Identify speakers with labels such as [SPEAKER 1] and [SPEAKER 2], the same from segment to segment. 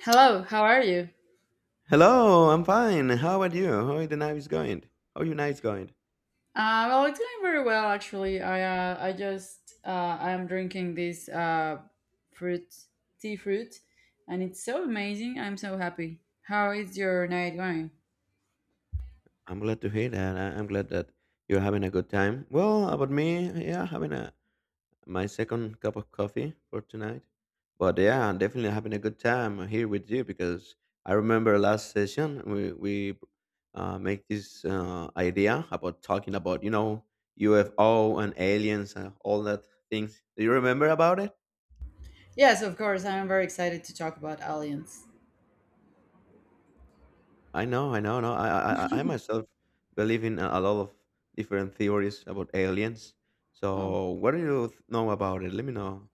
[SPEAKER 1] Hello, how are you?
[SPEAKER 2] Hello, I'm fine. How about you? How are the night is going? How are your nights going?
[SPEAKER 1] Well, I'm doing very well actually. I'm drinking this fruit tea fruit, and it's so amazing. I'm so happy. How is your night going?
[SPEAKER 2] I'm glad to hear that. I'm glad that you're having a good time. Well, about me, yeah, having a my second cup of coffee for tonight. But yeah, I'm definitely having a good time here with you because I remember last session we make this idea about talking about UFO and aliens and all that things. Do you remember about it?
[SPEAKER 1] Yes, of course. I'm very excited to talk about aliens.
[SPEAKER 2] I know, no. I myself believe in a lot of different theories about aliens.
[SPEAKER 1] Oh,
[SPEAKER 2] So, what do you know about it? Let me know.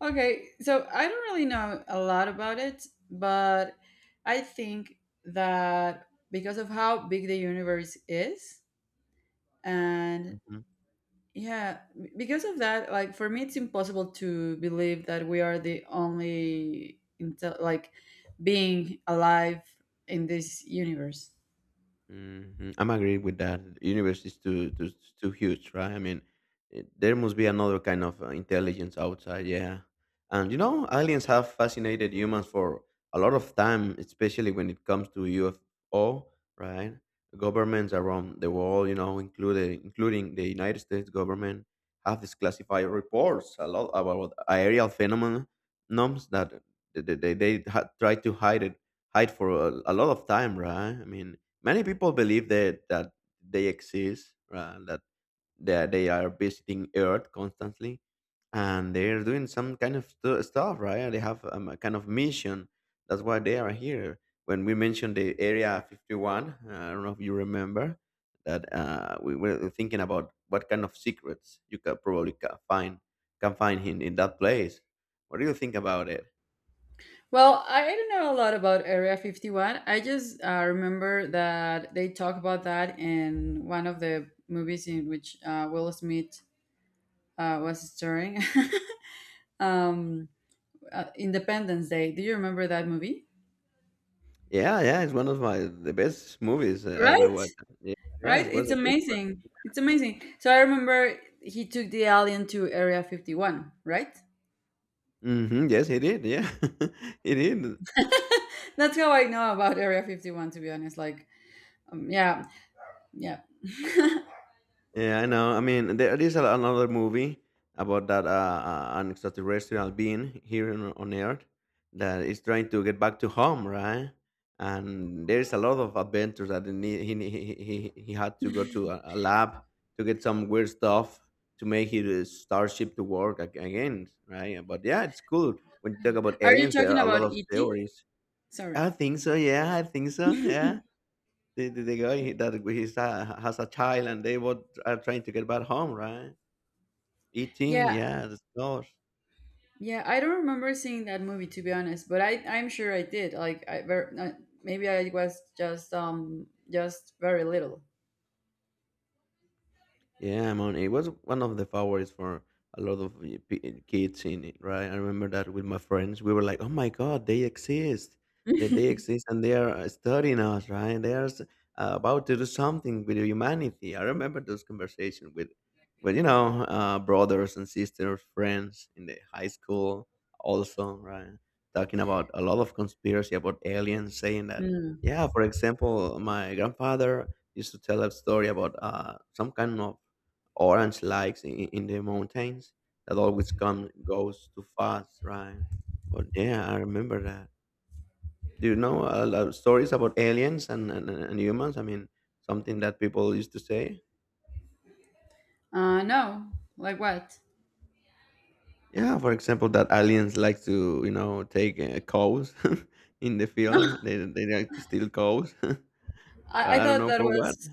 [SPEAKER 1] okay. So I don't really know a lot about it, but I think that because of how big the universe is and because of that, like for me, it's impossible to believe that we are the only intel like being alive in this universe.
[SPEAKER 2] Mhm, I'm agreeing with that. Universe is too too huge, right? I mean, there must be another kind of intelligence outside. Yeah, and you know, aliens have fascinated humans for a lot of time, especially when it comes to UFO, right? Governments around the world, you know, included including the United States government, have disclassified reports a lot about aerial phenomena norms that they had tried to hide for a lot of time, right? I mean, many people believe that they exist, that that they are visiting Earth constantly, and they are doing some kind of stuff, right? They have a kind of mission. That's why they are here. When we mentioned the Area 51, I don't know if you remember that we were thinking about what kind of secrets you could probably ca- find can find in that place. What do you think about it?
[SPEAKER 1] Well, I don't know a lot about Area 51. I just remember that they talk about that in one of the movies in which Will Smith was starring. um, Independence Day. Do you remember that movie?
[SPEAKER 2] Yeah, yeah, it's one of my the best movies I ever
[SPEAKER 1] Right?
[SPEAKER 2] watched. Yeah, yeah,
[SPEAKER 1] Right?
[SPEAKER 2] it was
[SPEAKER 1] It's
[SPEAKER 2] a good one.
[SPEAKER 1] amazing. It's amazing. So I remember he took the alien to Area 51, right?
[SPEAKER 2] Mhm, yes, he did, yeah. He did.
[SPEAKER 1] That's how I know about Area 51, to be honest. Like, yeah, yeah.
[SPEAKER 2] Yeah, I know. I mean, there is another movie about that an extraterrestrial being here on Earth that is trying to get back to home, right? And there is a lot of adventures that he need- he had to go to a lab to get some weird stuff to make his starship to work again, right? But yeah, it's cool. When you talk about
[SPEAKER 1] Are you
[SPEAKER 2] aliens, there
[SPEAKER 1] talking
[SPEAKER 2] are a lot
[SPEAKER 1] about
[SPEAKER 2] of
[SPEAKER 1] E.T.?
[SPEAKER 2] theories.
[SPEAKER 1] Sorry.
[SPEAKER 2] I think so. Yeah, I think so. Yeah. The guy that he's, has a child and they both are trying to get back home, right? E.T.,
[SPEAKER 1] Yeah,
[SPEAKER 2] yeah, of course.
[SPEAKER 1] yeah. I don't remember seeing that movie, to be honest, but I'm sure I did. Like, maybe I was just very little.
[SPEAKER 2] Yeah, I mean, it was one of the favorites for a lot of the kids in it, right? I remember that with my friends, we were like, "Oh my God, they exist! They exist, and they are studying us, right? They are about to do something with humanity." I remember those conversations with brothers and sisters, friends in the high school, also, right? Talking about a lot of conspiracy about aliens, saying that,
[SPEAKER 1] Mm.
[SPEAKER 2] yeah, for example, my grandfather used to tell a story about some kind of orange likes in the mountains that always come goes too fast, right? But yeah, I remember that. Do you know a lot of stories about aliens and humans? I mean, something that people used to say.
[SPEAKER 1] No. Like what?
[SPEAKER 2] Yeah, for example, that aliens like to, you know, take cows in the field. They like to steal cows. Well,
[SPEAKER 1] I, I
[SPEAKER 2] I don't
[SPEAKER 1] thought
[SPEAKER 2] know
[SPEAKER 1] that
[SPEAKER 2] for what,
[SPEAKER 1] was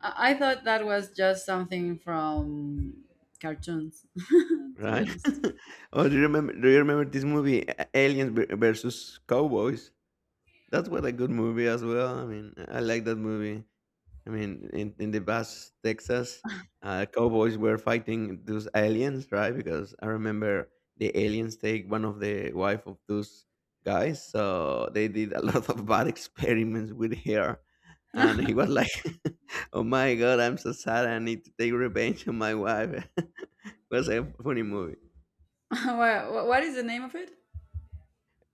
[SPEAKER 1] I thought that was just something from cartoons, to be
[SPEAKER 2] right?
[SPEAKER 1] honest.
[SPEAKER 2] Oh, do you remember? Do you remember this movie, Aliens versus Cowboys? That's what a good movie as well. I mean, I like that movie. I mean, in the past, Texas, cowboys were fighting those aliens, right? Because I remember the aliens take one of the wife of those guys, so they did a lot of bad experiments with her, and he was like, "Oh my god, I'm so sad. I need to take revenge on my wife." It was a funny movie.
[SPEAKER 1] No, what is the name of it?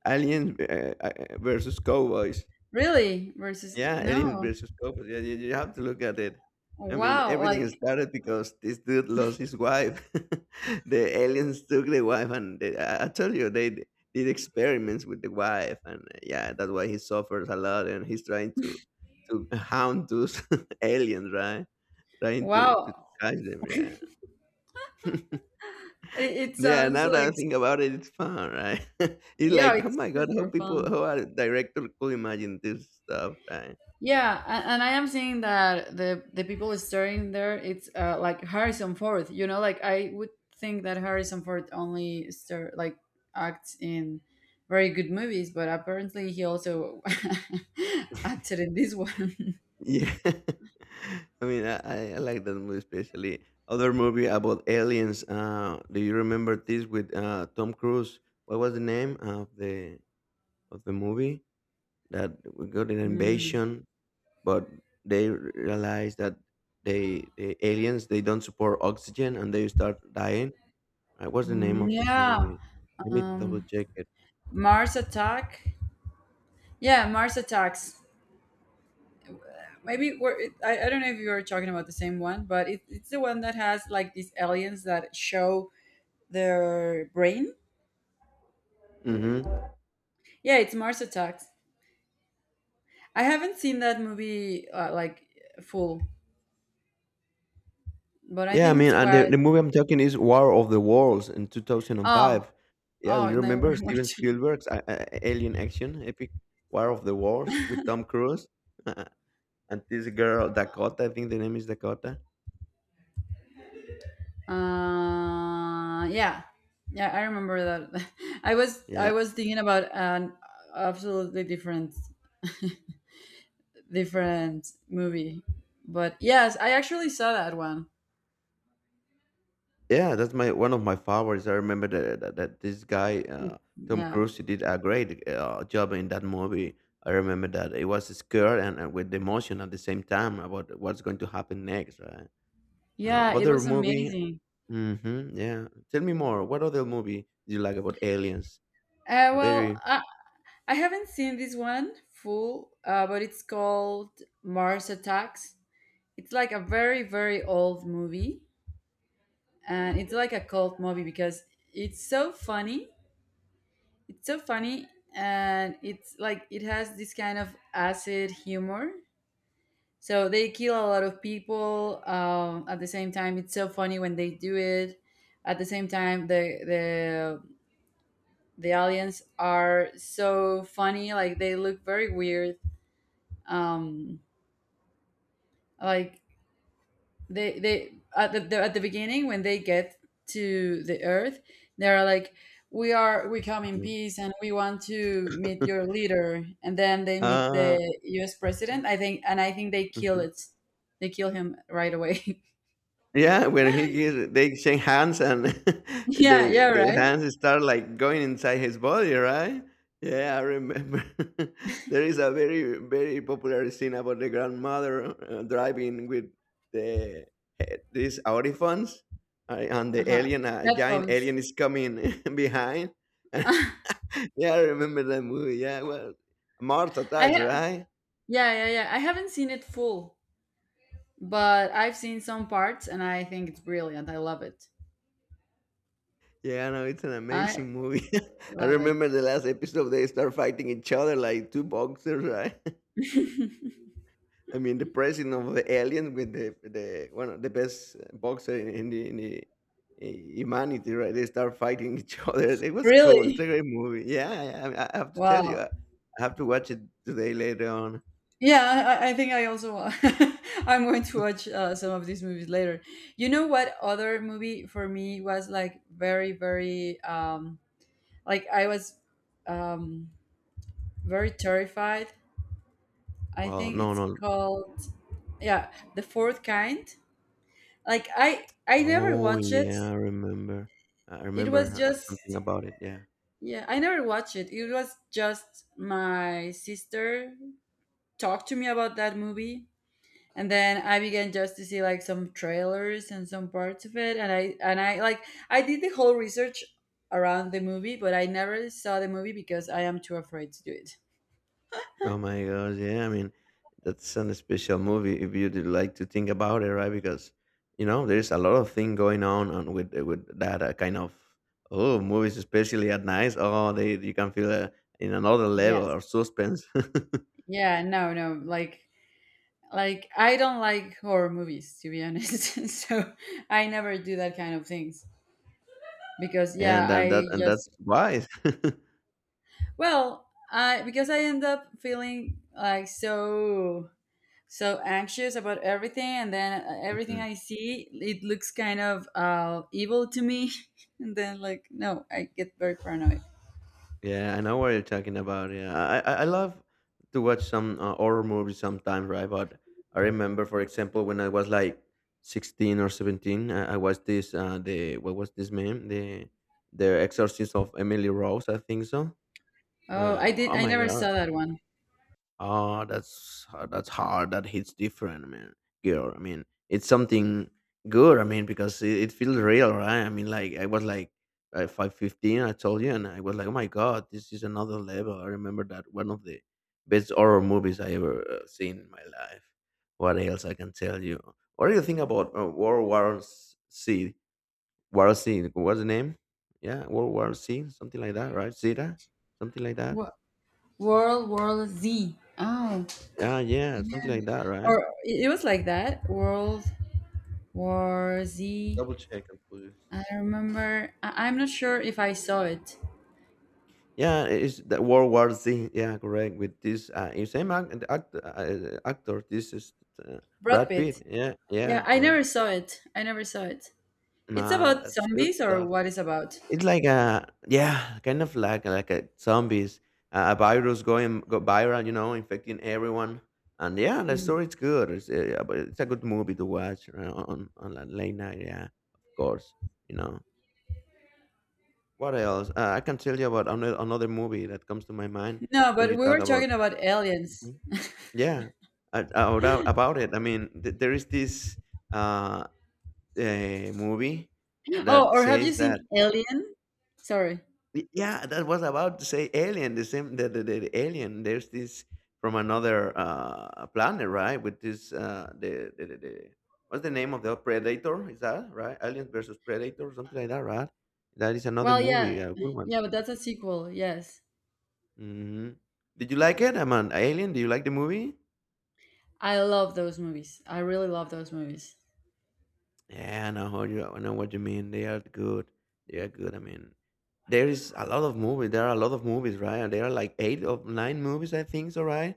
[SPEAKER 2] Aliens versus cowboys.
[SPEAKER 1] Really? Versus
[SPEAKER 2] Yeah, Aliens
[SPEAKER 1] no.
[SPEAKER 2] versus Cobras. Yeah, you have to look at it. I mean,
[SPEAKER 1] Wow,
[SPEAKER 2] everything
[SPEAKER 1] like
[SPEAKER 2] started because this dude lost his wife. The aliens took the wife, and they, I tell you, they did experiments with the wife, and yeah, that's why he suffers a lot, and he's trying to hound those aliens, right? Trying to
[SPEAKER 1] wow.
[SPEAKER 2] catch them. Yeah,
[SPEAKER 1] It
[SPEAKER 2] yeah.
[SPEAKER 1] sounds
[SPEAKER 2] Now that I
[SPEAKER 1] like
[SPEAKER 2] think about it, it's fun, right? It's
[SPEAKER 1] yeah,
[SPEAKER 2] like, oh
[SPEAKER 1] it's
[SPEAKER 2] my god, how
[SPEAKER 1] super fun.
[SPEAKER 2] people, how a director could imagine this stuff, right?
[SPEAKER 1] Yeah, and I am seeing that the people starring there, it's like Harrison Ford. You know, like I would think that Harrison Ford only star like acts in very good movies, but apparently he also acted in this one.
[SPEAKER 2] Yeah. I mean, I like that movie especially. Other movie about aliens. Do you remember this with Tom Cruise? What was the name of the movie that we got an
[SPEAKER 1] Mm.
[SPEAKER 2] invasion, but they realized that the aliens they don't support oxygen and they start dying. What's the name
[SPEAKER 1] Mm,
[SPEAKER 2] of this
[SPEAKER 1] yeah.
[SPEAKER 2] movie? Let me double
[SPEAKER 1] um,
[SPEAKER 2] check it.
[SPEAKER 1] Mars Attack. Yeah, Mars Attacks. Maybe we're, it, I don't know if you were talking about the same one, but it's the one that has like these aliens that show their brain.
[SPEAKER 2] Mm-hmm.
[SPEAKER 1] Yeah, it's Mars Attacks. I haven't seen that movie like full, but I
[SPEAKER 2] Yeah, I
[SPEAKER 1] think it's
[SPEAKER 2] mean, and
[SPEAKER 1] quite.
[SPEAKER 2] the movie I'm talking is War of the Worlds in
[SPEAKER 1] Oh,
[SPEAKER 2] 2005. Yeah, do
[SPEAKER 1] oh,
[SPEAKER 2] you
[SPEAKER 1] no, we're
[SPEAKER 2] remember Steven
[SPEAKER 1] watching.
[SPEAKER 2] Spielberg's alien action epic War of the Worlds with Tom Cruise. Uh, and this girl Dakota? I think the name is Dakota.
[SPEAKER 1] Yeah, yeah, I remember that. I was I
[SPEAKER 2] Yeah,
[SPEAKER 1] was thinking about an absolutely different movie, but yes, I actually saw that one.
[SPEAKER 2] yeah, that's my one of my favorites. I remember that this guy Tom
[SPEAKER 1] Yeah,
[SPEAKER 2] Cruise he did a great job in that movie. I remember that it was scared and with emotion at the same time about what's going to happen next, right?
[SPEAKER 1] yeah, it
[SPEAKER 2] Other
[SPEAKER 1] was
[SPEAKER 2] movie.
[SPEAKER 1] amazing.
[SPEAKER 2] Mhm, yeah. Tell me more, what other movie do you like about aliens? A
[SPEAKER 1] Well,
[SPEAKER 2] very
[SPEAKER 1] I haven't seen this one full, but it's called Mars Attacks. It's like a very very old movie, and it's like a cult movie because it's so funny, it's so funny, and it's like it has this kind of acid humor. So they kill a lot of people, at the same time it's so funny when they do it, at the same time the aliens are so funny, like they look very weird. um like they at the at the beginning when they get to the earth, they are like, we come in
[SPEAKER 2] mhm.
[SPEAKER 1] peace and we want to meet your leader, and then they meet the
[SPEAKER 2] Ah.
[SPEAKER 1] US president, I think, and I think they kill it. They kill him right away.
[SPEAKER 2] Yeah, when he gives, they shake hands and
[SPEAKER 1] Yeah, yeah,
[SPEAKER 2] the
[SPEAKER 1] right.
[SPEAKER 2] hands start like going inside his body, right? Yeah, I remember. There is a very very popular scene about the grandmother driving with the eh, these audiphones, and the
[SPEAKER 1] Uh-huh.
[SPEAKER 2] alien, a giant
[SPEAKER 1] Headphones.
[SPEAKER 2] alien is coming behind.
[SPEAKER 1] I
[SPEAKER 2] Yeah, I remember that movie. Yeah, well, Mars
[SPEAKER 1] ha-
[SPEAKER 2] Attacks, right?
[SPEAKER 1] yeah, yeah, yeah, I haven't seen it full, but I've seen some parts and I think it's brilliant. I love it.
[SPEAKER 2] Yeah, no, it's an
[SPEAKER 1] I
[SPEAKER 2] amazing movie. I
[SPEAKER 1] love
[SPEAKER 2] remember the last episode they start fighting each other like two boxers, right?
[SPEAKER 1] it.
[SPEAKER 2] I mean, the president of the alien with the one of the best boxer in the eh, humanity, right? They start fighting each other. It was cool. It's
[SPEAKER 1] Really.
[SPEAKER 2] a great movie. Yeah, I have to tell you,
[SPEAKER 1] Wow.
[SPEAKER 2] I have to watch it today later on.
[SPEAKER 1] Yeah, I think I also I'm going to watch some of these movies later. You know what other movie for me was like very very, like I was, um very terrified. I
[SPEAKER 2] Well,
[SPEAKER 1] think
[SPEAKER 2] no,
[SPEAKER 1] it's
[SPEAKER 2] no.
[SPEAKER 1] called, yeah, The Fourth Kind. Like I never
[SPEAKER 2] Oh
[SPEAKER 1] watched it.
[SPEAKER 2] yeah, I remember. I
[SPEAKER 1] It was
[SPEAKER 2] remember
[SPEAKER 1] just,
[SPEAKER 2] something about it. Yeah.
[SPEAKER 1] yeah, I never watched it. It was just my sister talked to me about that movie, and then I began just to see like some trailers and some parts of it, and I like I did the whole research around the movie, but I never saw the movie because I am too afraid to do it.
[SPEAKER 2] Oh my gosh, yeah. I mean, that's an special movie if you did like to think about it, right? Because you know there's a lot of thing going on with that kind of oh movies, especially at night. Oh, they you can feel in another level
[SPEAKER 1] Yes.
[SPEAKER 2] of suspense.
[SPEAKER 1] Yeah, no, no. Like, I don't like horror movies, to be honest. So I never do that kind of things because, yeah,
[SPEAKER 2] And
[SPEAKER 1] I
[SPEAKER 2] that's
[SPEAKER 1] just,
[SPEAKER 2] wise.
[SPEAKER 1] well, I, because I end up feeling like so so anxious about everything. And then, everything I see, it looks kind of evil to me. And then, like, no, I get very paranoid.
[SPEAKER 2] Yeah, I know what you're talking about. Yeah, I love to watch some horror movies sometimes, right? But I remember, for example, when I was like 16 or 17, I watched this the what was this name the Exorcist of Emily Rose, I think so.
[SPEAKER 1] Oh,
[SPEAKER 2] Oh
[SPEAKER 1] I
[SPEAKER 2] my
[SPEAKER 1] never
[SPEAKER 2] god,
[SPEAKER 1] saw that one.
[SPEAKER 2] that's hard. That hits different, man. Girl, I mean, it's something good. I mean, because it feels real, right? I mean, like I was like 5, 15. I told you, and I was like, oh my god, this is another level. I remember that one of the best horror movies I ever seen in my life. What else I can tell you? What do you think about World War C? War C? What's the name? Yeah, World War C, something like that, right? Zeta, something like that.
[SPEAKER 1] Wo- World War Z. Oh,
[SPEAKER 2] Yeah, yeah, something like that, right?
[SPEAKER 1] or it was like that World War Z.
[SPEAKER 2] Double check and please.
[SPEAKER 1] I remember. I'm not sure if I saw it.
[SPEAKER 2] Yeah, it's the World War Z. Yeah, correct. With this, it's same act, the act, actor. This is
[SPEAKER 1] Brad
[SPEAKER 2] Brad
[SPEAKER 1] Pitt.
[SPEAKER 2] Pitt. Yeah,
[SPEAKER 1] Yeah,
[SPEAKER 2] yeah,
[SPEAKER 1] I
[SPEAKER 2] yeah.
[SPEAKER 1] never saw it. I never saw it. It's
[SPEAKER 2] Nah,
[SPEAKER 1] about
[SPEAKER 2] that's good
[SPEAKER 1] zombies, or
[SPEAKER 2] stuff.
[SPEAKER 1] what is about?
[SPEAKER 2] It's like a yeah, kind of like a zombies, a virus going go viral. You know, infecting everyone. And yeah, the
[SPEAKER 1] Mhm.
[SPEAKER 2] story's good. It's, yeah, but it's a good movie to watch on a late night. Yeah, of course. You know. What else? I can tell you about another movie that comes to my mind
[SPEAKER 1] No,
[SPEAKER 2] when
[SPEAKER 1] but
[SPEAKER 2] you
[SPEAKER 1] we
[SPEAKER 2] talk
[SPEAKER 1] were
[SPEAKER 2] about.
[SPEAKER 1] talking about aliens.
[SPEAKER 2] Mhm. Yeah, about it. I mean, there is this uh, movie
[SPEAKER 1] Oh,
[SPEAKER 2] that
[SPEAKER 1] or have you
[SPEAKER 2] says that
[SPEAKER 1] seen Alien? Sorry.
[SPEAKER 2] yeah, that was about to say alien, the same the alien. There's this from another planet, right? With this the what's the name of the predator? Is that right? Alien versus Predator, something like that, right? That is another
[SPEAKER 1] Well,
[SPEAKER 2] movie,
[SPEAKER 1] yeah.
[SPEAKER 2] a good one.
[SPEAKER 1] Yeah, but that's a sequel. Yes.
[SPEAKER 2] Mhm. Did you like it? I'm an alien. Do you like the movie?
[SPEAKER 1] I love those movies. I really love those movies.
[SPEAKER 2] Yeah, I know how you. I know what you mean. They are good. They are good. I mean, there is a lot of movies. There are a lot of movies, right? There are like eight or nine movies, I think. So, right?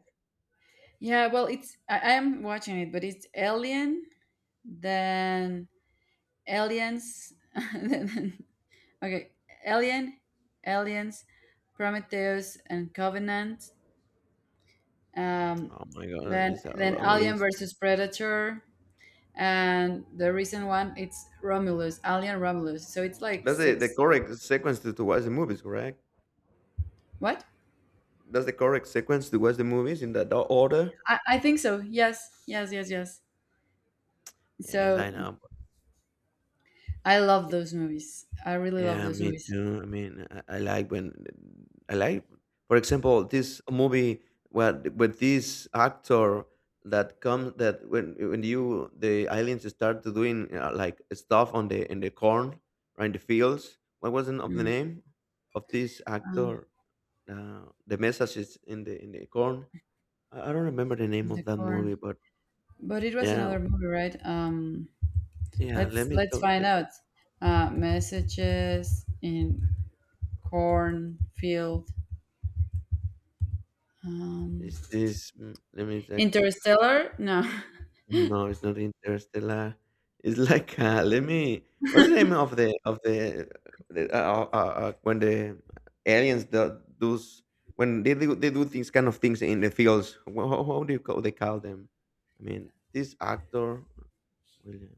[SPEAKER 1] Yeah, well, I am watching it, but it's Alien, then Aliens, then, okay, Alien, Aliens, Prometheus and Covenant, um,
[SPEAKER 2] Oh my god,
[SPEAKER 1] then
[SPEAKER 2] this is a
[SPEAKER 1] then
[SPEAKER 2] long
[SPEAKER 1] Alien
[SPEAKER 2] list.
[SPEAKER 1] versus Predator, and the recent one it's Romulus, Alien Romulus. So it's like
[SPEAKER 2] That's the
[SPEAKER 1] six.
[SPEAKER 2] correct sequence to watch the movies, correct?
[SPEAKER 1] What?
[SPEAKER 2] That's the correct sequence to watch the movies in that order.
[SPEAKER 1] I think so. Yes, yes, yes, yes.
[SPEAKER 2] Yes,
[SPEAKER 1] So
[SPEAKER 2] I know.
[SPEAKER 1] I love those movies. I really love
[SPEAKER 2] Yeah,
[SPEAKER 1] those
[SPEAKER 2] me
[SPEAKER 1] movies.
[SPEAKER 2] too. I mean, I like when I like, for example, this movie where with this actor that comes that when you the aliens start to doing like stuff on the in the corn or in the fields. What was not of the
[SPEAKER 1] Mm.
[SPEAKER 2] name of this
[SPEAKER 1] Uh,
[SPEAKER 2] actor? The message is in the corn. I don't remember the name
[SPEAKER 1] the
[SPEAKER 2] of that
[SPEAKER 1] corn,
[SPEAKER 2] movie, but
[SPEAKER 1] but it was
[SPEAKER 2] yeah,
[SPEAKER 1] another movie, right?
[SPEAKER 2] yeah. Let
[SPEAKER 1] Let's
[SPEAKER 2] me
[SPEAKER 1] let's
[SPEAKER 2] double
[SPEAKER 1] find
[SPEAKER 2] check it.
[SPEAKER 1] out. Messages in cornfield. Um,
[SPEAKER 2] Is this? Let me check it.
[SPEAKER 1] Interstellar? No,
[SPEAKER 2] No, it's not Interstellar. It's like let me. What's the name of the of the when the aliens do those when they do these kind of things in the fields? How do you call they call them? I mean, this actor William.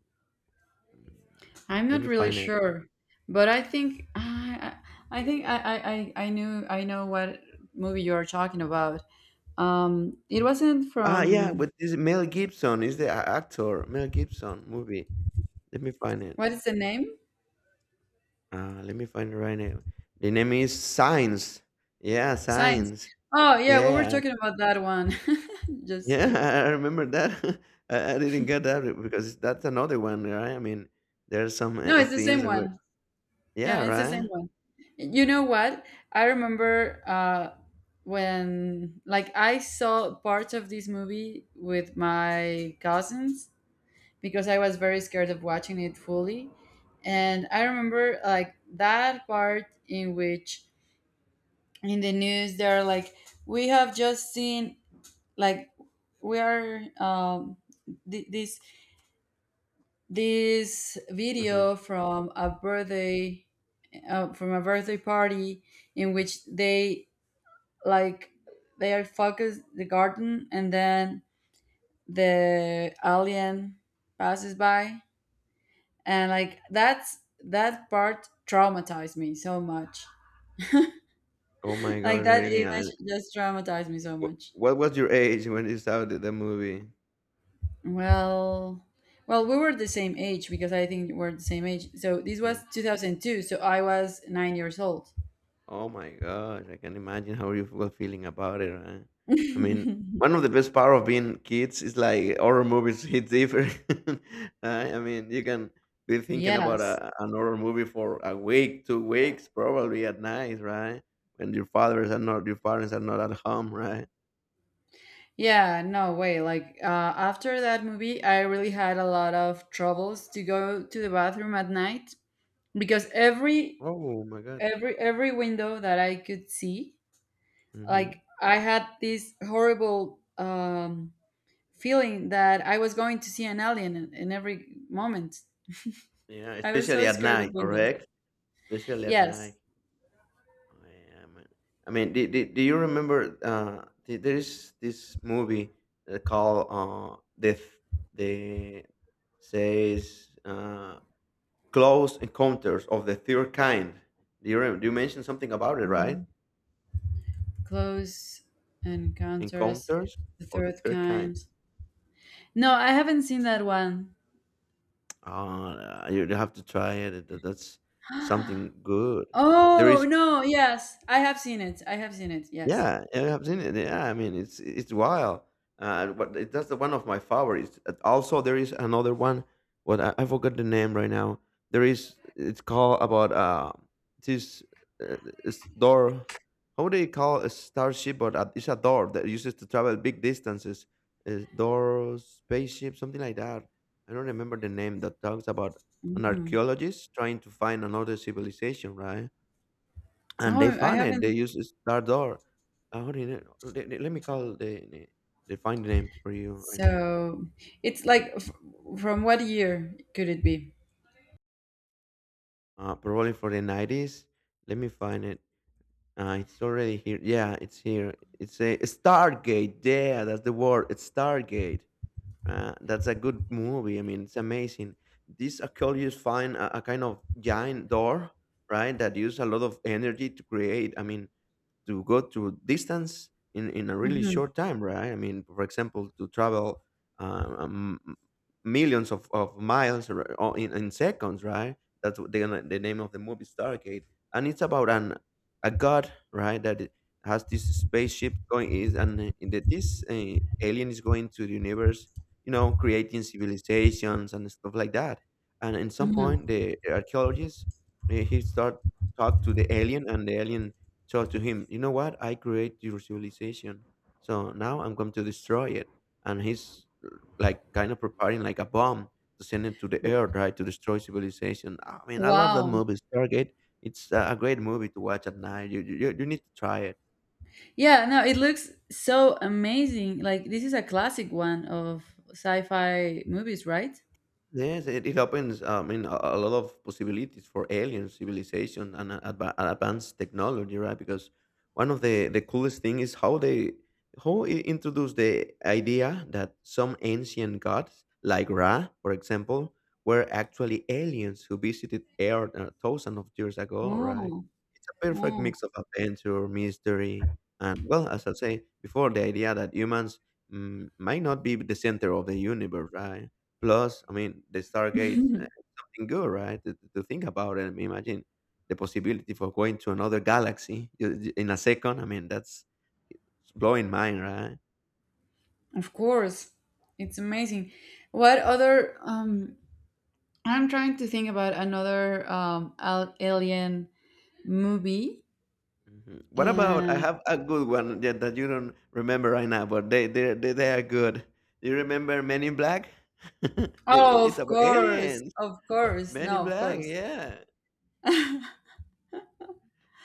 [SPEAKER 2] mm,
[SPEAKER 1] I'm
[SPEAKER 2] Let
[SPEAKER 1] not
[SPEAKER 2] me
[SPEAKER 1] really
[SPEAKER 2] find it.
[SPEAKER 1] sure, but I think I think I knew I know what movie you are talking about. It wasn't
[SPEAKER 2] Ah, yeah,
[SPEAKER 1] from.
[SPEAKER 2] but this Mel Gibson is the actor. Mel Gibson movie. Let me find it.
[SPEAKER 1] What is the name?
[SPEAKER 2] Let me find it right now. The name is Signs. Yeah,
[SPEAKER 1] Science.
[SPEAKER 2] Signs.
[SPEAKER 1] Oh, yeah, we were
[SPEAKER 2] Yeah,
[SPEAKER 1] talking about that one. Just
[SPEAKER 2] yeah,
[SPEAKER 1] like,
[SPEAKER 2] I remember that. I didn't get that because that's another one, right? I mean, there are some
[SPEAKER 1] no, it's the same
[SPEAKER 2] scenes about,
[SPEAKER 1] one.
[SPEAKER 2] yeah,
[SPEAKER 1] Yeah, it's the same
[SPEAKER 2] right?
[SPEAKER 1] one. You know what? I remember, when, like, I saw parts of this movie with my cousins because I was very scared of watching it fully. And I remember, like, that part in which in the news they're like, we have just seen, like, we are. Th- this this
[SPEAKER 2] hmm
[SPEAKER 1] video from a birthday, from a birthday party in which they, like, they are focused the garden, and then the alien passes by and like that part traumatized me so much.
[SPEAKER 2] Oh my
[SPEAKER 1] Like
[SPEAKER 2] gosh,
[SPEAKER 1] that
[SPEAKER 2] really?
[SPEAKER 1] image
[SPEAKER 2] And
[SPEAKER 1] just traumatized me so much.
[SPEAKER 2] what was your age when you saw the movie?
[SPEAKER 1] Well well we were the same age because I think we're the same age, so this was 2002, so I was 9 years old.
[SPEAKER 2] Oh my gosh, I can imagine how you were feeling about it, right? I mean, one of the best part of being kids is like horror movies hit different. Right? I mean, you can be thinking about
[SPEAKER 1] Yes.
[SPEAKER 2] an horror movie for a week, 2 weeks, probably at night, right? When your fathers are not, your parents are not at home, right?
[SPEAKER 1] Yeah, no way. Like, after that movie, I really had a lot of troubles to go to the bathroom at night because every
[SPEAKER 2] Oh my god.
[SPEAKER 1] every every window that I could see, like
[SPEAKER 2] Hmm
[SPEAKER 1] I had this horrible, feeling that I was going to see an alien in every moment.
[SPEAKER 2] Yeah,
[SPEAKER 1] I was
[SPEAKER 2] especially
[SPEAKER 1] so
[SPEAKER 2] at
[SPEAKER 1] scared of
[SPEAKER 2] night,
[SPEAKER 1] windows.
[SPEAKER 2] correct? Especially at
[SPEAKER 1] Yes.
[SPEAKER 2] night. I am. I mean, do you remember? There is this movie called the the says Close Encounters of the Third Kind. Do you remember? Do you mention something about it, right?
[SPEAKER 1] Mhm. Close Encounters,
[SPEAKER 2] Encounters
[SPEAKER 1] the
[SPEAKER 2] of the
[SPEAKER 1] Third
[SPEAKER 2] Third Kind.
[SPEAKER 1] Kind. No, I haven't seen that one.
[SPEAKER 2] You you have to try it. That's something good. There
[SPEAKER 1] Oh,
[SPEAKER 2] is
[SPEAKER 1] no, yes. I have seen it. I have seen it. Yes.
[SPEAKER 2] yeah, yeah, I've seen it. Yeah, I mean, it's wild. That's the one of my favorites. Also, there is another one. What I forgot the name right now. There is. It's called about this uh, this door. How do you call a starship? But it's a door that uses to travel big distances. A door spaceship, something like that. I don't remember the name. That talks about an
[SPEAKER 1] Mm.
[SPEAKER 2] archaeologist trying to find another civilization, right? And they
[SPEAKER 1] Oh, I
[SPEAKER 2] found it. They
[SPEAKER 1] haven't.
[SPEAKER 2] used Star Door. What do you know? Let me call the find the name for you right now.
[SPEAKER 1] So it's like, f from what year could it be?
[SPEAKER 2] Probably for the 90s. Let me find it. It's already here. Yeah, it's here. It's a Stargate. Yeah, that's the word. It's Stargate. That's a good movie. I mean, it's amazing. This Achilles find a kind of giant door, right? That use a lot of energy to create. I mean, to go to distance in a really
[SPEAKER 1] Hmm.
[SPEAKER 2] short time, right? I mean, for example, to travel um, um, millions of miles or in seconds, right? That's what the name of the movie Stargate. And it's about an a god, right? That it has this spaceship going is and that this alien is going to the universe, you know, creating civilizations and stuff like that. And in some
[SPEAKER 1] Hmm.
[SPEAKER 2] point the archaeologists he start talk to the alien and the alien told to him, you know what? I create your civilization. So now I'm going to destroy it. And he's like kind of preparing like a bomb to send it to the earth, right? To destroy civilization. I mean, I love that
[SPEAKER 1] Wow.
[SPEAKER 2] movie, Stargate. It's a great movie to watch at night. You need to try it.
[SPEAKER 1] Yeah, no, it looks so amazing. Like this is a classic one of sci-fi movies, right?
[SPEAKER 2] Yes, it opens. Uh, I mean, a lot of possibilities for alien civilization and and advanced technology, right? Because one of the coolest thing is how they how it introduced the idea that some ancient gods, like Ra, for example, were actually aliens who visited Earth thousands of years ago, right?
[SPEAKER 1] Oh,
[SPEAKER 2] It's a perfect
[SPEAKER 1] oh.
[SPEAKER 2] mix of adventure, mystery, and, well, as I say before, the idea that humans might not be the center of the universe, right? Plus, I mean, the Stargates, something good, right? To think about it, I mean, imagine the possibility for going to another galaxy in a second. I mean, that's it's blowing mind, right?
[SPEAKER 1] Of course. It's amazing. What other, I'm trying to think about another, alien movie.
[SPEAKER 2] Mhm. What about I
[SPEAKER 1] And
[SPEAKER 2] have a good one that, that you don't remember right now, but they are good. You remember Men in Black? They-
[SPEAKER 1] oh,
[SPEAKER 2] it's about aliens.
[SPEAKER 1] of course,
[SPEAKER 2] Men in
[SPEAKER 1] no, of
[SPEAKER 2] Black,
[SPEAKER 1] course.
[SPEAKER 2] yeah.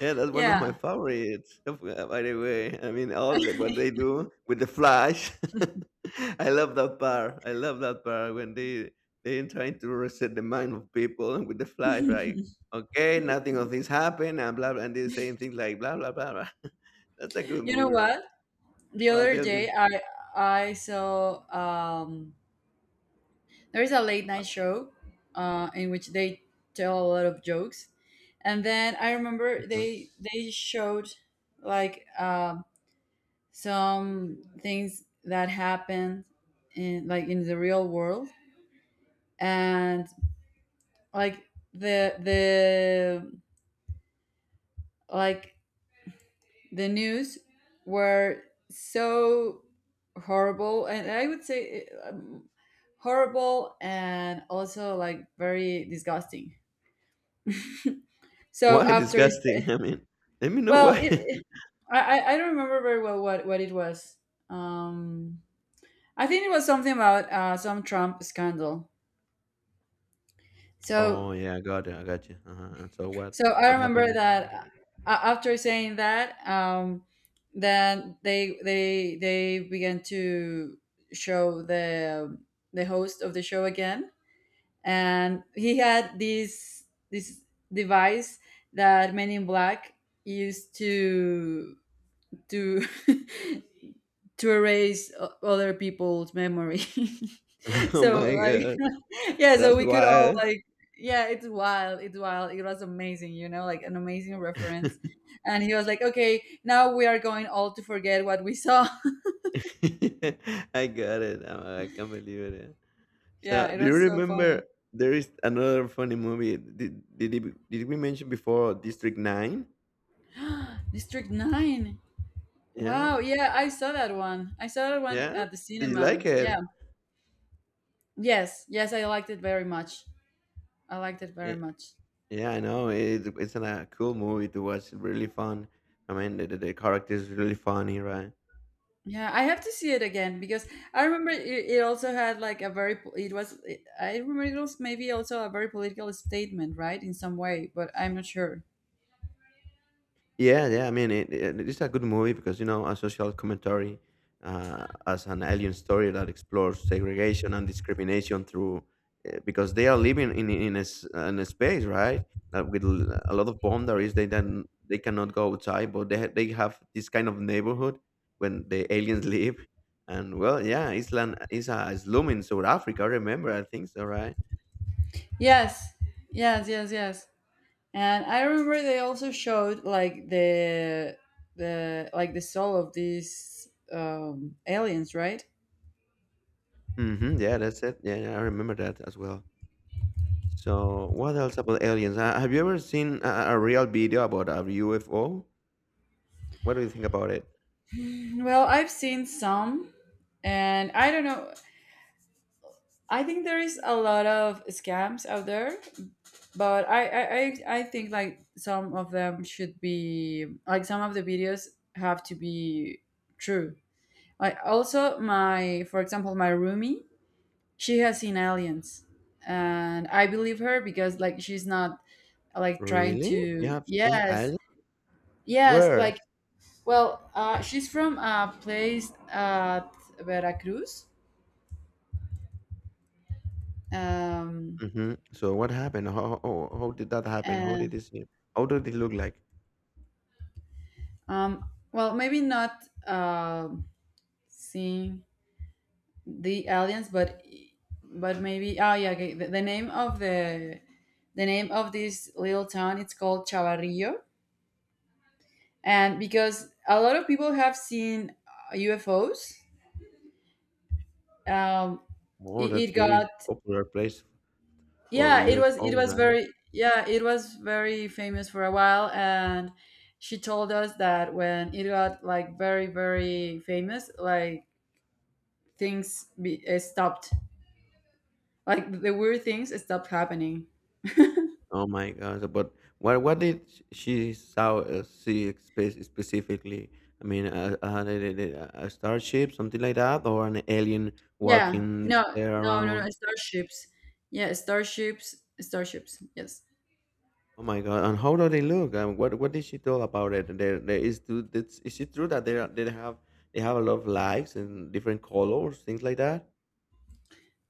[SPEAKER 2] Yeah, that's one of my
[SPEAKER 1] Yeah,
[SPEAKER 2] favorites. By the way, I mean all the, what they do with the flash. I love that part. I love that part when they trying to reset the mind of people with the flash, right? Okay, nothing of this happened, and blah, blah, and they're saying things like blah blah blah, blah. That's a good
[SPEAKER 1] you know
[SPEAKER 2] movie, right?
[SPEAKER 1] what? The
[SPEAKER 2] Well,
[SPEAKER 1] other
[SPEAKER 2] tell
[SPEAKER 1] day,
[SPEAKER 2] me.
[SPEAKER 1] I saw, there is a late night show, in which they tell a lot of jokes, and then I remember
[SPEAKER 2] Mhm.
[SPEAKER 1] they showed, like, some things that happened in like in the real world, and like the the like the news were so horrible, and I would say, horrible and also like very disgusting. so
[SPEAKER 2] Why
[SPEAKER 1] after
[SPEAKER 2] disgusting.
[SPEAKER 1] s-
[SPEAKER 2] I mean, let me know
[SPEAKER 1] well,
[SPEAKER 2] why.
[SPEAKER 1] it I don't remember very well what it was. um I think it was something about some Trump scandal, so.
[SPEAKER 2] Oh yeah, I got you. I got you. Uh-huh. And so what?
[SPEAKER 1] So I
[SPEAKER 2] What happened
[SPEAKER 1] remember
[SPEAKER 2] next?
[SPEAKER 1] that, after saying that, then they began to show the host of the show again, and he had this device that Men in Black used to to erase other people's memory.
[SPEAKER 2] Oh
[SPEAKER 1] So,
[SPEAKER 2] my
[SPEAKER 1] like,
[SPEAKER 2] god,
[SPEAKER 1] yeah, so
[SPEAKER 2] that's
[SPEAKER 1] we could all
[SPEAKER 2] wild.
[SPEAKER 1] like, yeah, it's wild, it's wild. It was amazing, like an amazing reference. And he was like, "Okay, now we are going all to forget what we saw."
[SPEAKER 2] I got it. I can't believe it. Yeah. So,
[SPEAKER 1] Yeah, it
[SPEAKER 2] do you
[SPEAKER 1] was so
[SPEAKER 2] remember
[SPEAKER 1] funny.
[SPEAKER 2] there is another funny movie? Did we mention before District Nine?
[SPEAKER 1] District 9.
[SPEAKER 2] Yeah,
[SPEAKER 1] Wow, yeah, I saw that one. I saw that one
[SPEAKER 2] yeah.
[SPEAKER 1] at the
[SPEAKER 2] Did you like
[SPEAKER 1] cinema. Yeah.
[SPEAKER 2] it?
[SPEAKER 1] Yes, yes, I liked it very much. I liked it
[SPEAKER 2] Yeah,
[SPEAKER 1] very much.
[SPEAKER 2] yeah. I know it, it's a cool movie to watch. Really fun. I mean, the the character is really funny, right?
[SPEAKER 1] Yeah, I have to see it again because I remember it also had like a very I remember it was maybe also a very political statement, right? In some way, but I'm not sure.
[SPEAKER 2] Yeah, yeah. I mean, it's a good movie because, you know, a social commentary as an alien story that explores segregation and discrimination through because they are living in a, in a space, right? That with a lot of boundaries they then they cannot go outside, but they they have this kind of neighborhood when the aliens live. And, well, yeah, Island is a slum in South Africa, I remember, I think so, right?
[SPEAKER 1] Yes. Yes, yes, yes. And I remember they also showed, like, the soul of these, aliens, right?
[SPEAKER 2] hmm yeah, that's it. Yeah, yeah, I remember that as well. So, what else about aliens? Have you ever seen a real video about a UFO? What do you think about it?
[SPEAKER 1] Well, I've seen some and I don't know. I think there is a lot of scams out there, but I think like some of them should be, like some of the videos have to be true, like also, my for example, my roomie, she has seen aliens, and I believe her because like she's not like trying
[SPEAKER 2] Really? You
[SPEAKER 1] to.
[SPEAKER 2] have seen
[SPEAKER 1] Yes,
[SPEAKER 2] aliens?
[SPEAKER 1] yes,
[SPEAKER 2] Where?
[SPEAKER 1] like. Well, she's from a place at Veracruz. um
[SPEAKER 2] Hmm So, what happened? How did that happen? How
[SPEAKER 1] and,
[SPEAKER 2] did it seem? How did it look like?
[SPEAKER 1] well, maybe not, um seeing the aliens, but maybe, oh, yeah, okay. The name of this little town, it's called Chavarrillo, and because a lot of people have seen, UFOs. um
[SPEAKER 2] Oh,
[SPEAKER 1] it
[SPEAKER 2] that's very
[SPEAKER 1] got,
[SPEAKER 2] popular place for
[SPEAKER 1] yeah, it was it
[SPEAKER 2] UFOs,
[SPEAKER 1] was
[SPEAKER 2] right?
[SPEAKER 1] very. Yeah, it was very famous for a while, and she told us that when it got like very very famous, like things stopped, like the weird things stopped happening.
[SPEAKER 2] Oh my God! But what did she saw see specifically? I mean, did a starship, something like that, or an alien
[SPEAKER 1] Yeah.
[SPEAKER 2] walking
[SPEAKER 1] No,
[SPEAKER 2] there
[SPEAKER 1] no, no,
[SPEAKER 2] around?
[SPEAKER 1] no. Starships. Yeah, starships. Starships. Yes.
[SPEAKER 2] Oh my God! And how do they look? What did she tell about it? There is do that's is it true that they they have a lot of likes and different colors, things like that?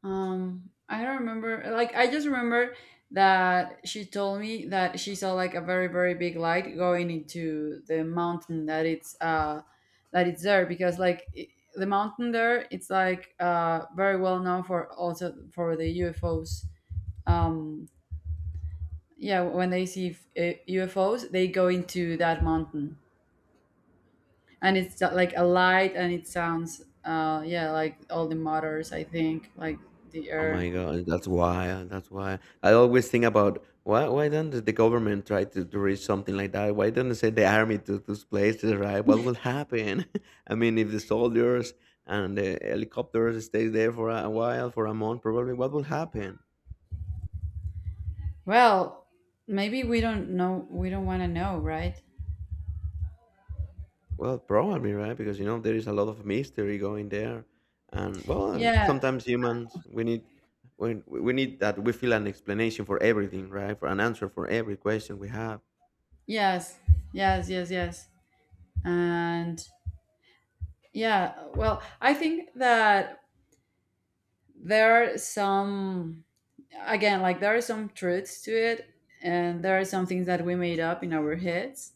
[SPEAKER 1] I don't remember. Like, I just remember that she told me that she saw like a very, very big light going into the mountain that it's, that it's there because like I the mountain there, it's like, very well known for also for the UFOs. Um, yeah, when they see, UFOs, they go into that mountain. And it's, like a light, and it sounds, yeah, like all the motors, I think, like the
[SPEAKER 2] Oh
[SPEAKER 1] air.
[SPEAKER 2] my God! That's why. That's why I always think about why don't the government try to reach something like that? Why don't they send the army to those places? Right? What will happen? I mean, if the soldiers and the helicopters stays there for a while, for a month, probably what will happen?
[SPEAKER 1] Well, maybe we don't know, we don't want to know, right?
[SPEAKER 2] Well, probably, right? Because, you know, there is a lot of mystery going there, and, well,
[SPEAKER 1] Yeah,
[SPEAKER 2] sometimes humans we need we need that we feel an explanation for everything, right? For an answer for every question we have.
[SPEAKER 1] yes, yes, yes, yes. And yeah, well, I think that there are some, again, like there are some truths to it, and there are some things that we made up in our heads.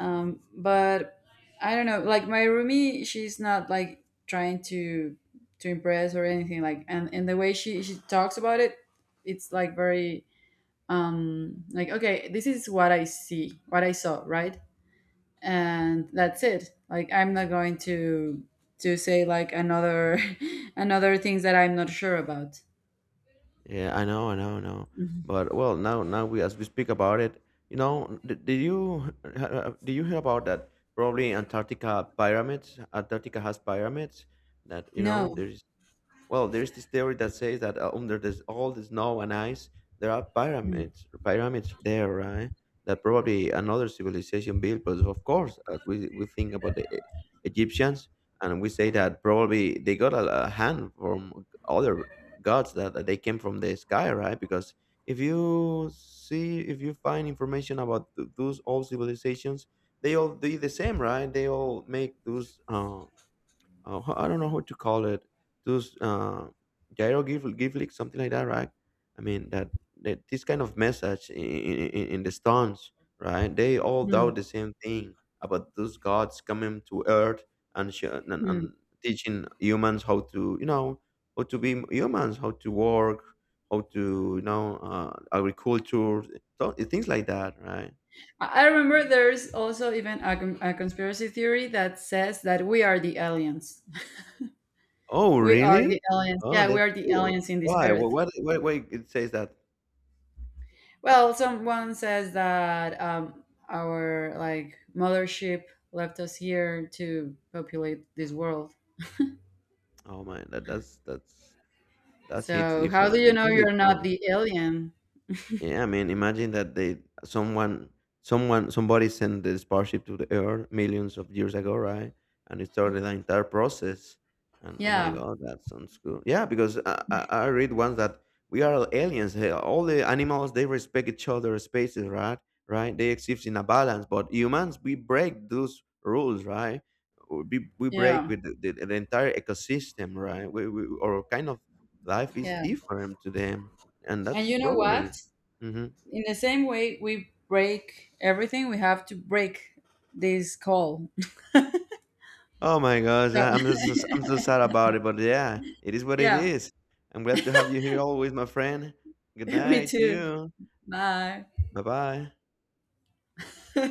[SPEAKER 1] But I don't know, like my roomie, she's not like trying to, impress or anything, like and the way she talks about it, it's like very, like okay, this is what I see, what I saw, right? And that's it, like I'm not going to, say like another, another things that I'm not sure about.
[SPEAKER 2] Yeah, I know, I know, I know. But, well, now now we as we speak about it, you know, did you did you hear about that? Probably Antarctica pyramids. Antarctica has pyramids that, you know,
[SPEAKER 1] No.
[SPEAKER 2] there's well, there's this theory that says that under this, all the snow and ice, there are pyramids, pyramids there, right? That probably another civilization built. But, of course, as we think about the Egyptians, and we say that probably they got a hand from other gods that, that they came from the sky, right? Because if you see, if you find information about those old civilizations, they all do the same, right? They all make those. I don't know how to call it those gyro give give something like that, right? I mean that, that this kind of message in the stones, right? They all
[SPEAKER 1] Hmm,
[SPEAKER 2] doubt the same thing about those gods coming to Earth and
[SPEAKER 1] hmm.
[SPEAKER 2] and teaching humans how to, you know, how to be humans, how to work, how to, you know, agriculture, things like that, right?
[SPEAKER 1] I remember there's also even a, a conspiracy theory that says that we are the aliens.
[SPEAKER 2] Oh,
[SPEAKER 1] We are
[SPEAKER 2] really?
[SPEAKER 1] the aliens.
[SPEAKER 2] Oh,
[SPEAKER 1] Yeah, we
[SPEAKER 2] that's
[SPEAKER 1] are the
[SPEAKER 2] cool.
[SPEAKER 1] aliens in this
[SPEAKER 2] Why? What?
[SPEAKER 1] earth.
[SPEAKER 2] What? Why? Why? It says that.
[SPEAKER 1] Well, someone says that, our like mothership left us here to populate this world.
[SPEAKER 2] Oh man, that that's that's hits
[SPEAKER 1] So how do
[SPEAKER 2] different.
[SPEAKER 1] you
[SPEAKER 2] It
[SPEAKER 1] know
[SPEAKER 2] could be
[SPEAKER 1] you're not
[SPEAKER 2] true.
[SPEAKER 1] the alien?
[SPEAKER 2] Yeah, I mean, imagine that they someone someone somebody sent the spaceship to the Earth millions of years ago, right? And it started the entire process. And oh my
[SPEAKER 1] Yeah,
[SPEAKER 2] God, that sounds cool. Yeah, because I read once that we are aliens. Hey, all the animals they respect each other's spaces, right? Right? They exist in a balance, but humans we break those rules, right? We break
[SPEAKER 1] yeah,
[SPEAKER 2] with the entire ecosystem, right? We, our kind of life is
[SPEAKER 1] yeah.
[SPEAKER 2] different to them, and
[SPEAKER 1] And
[SPEAKER 2] that's
[SPEAKER 1] you know
[SPEAKER 2] probably
[SPEAKER 1] what?
[SPEAKER 2] Mhm.
[SPEAKER 1] In the same way we break everything, we have to break this call.
[SPEAKER 2] Oh my gosh,
[SPEAKER 1] So
[SPEAKER 2] I'm just, I'm so sad about it, but yeah, it is what it
[SPEAKER 1] yeah,
[SPEAKER 2] is. I'm glad to have you here always, my friend. Good
[SPEAKER 1] me
[SPEAKER 2] night to
[SPEAKER 1] too.
[SPEAKER 2] you.
[SPEAKER 1] Bye.
[SPEAKER 2] Bye bye.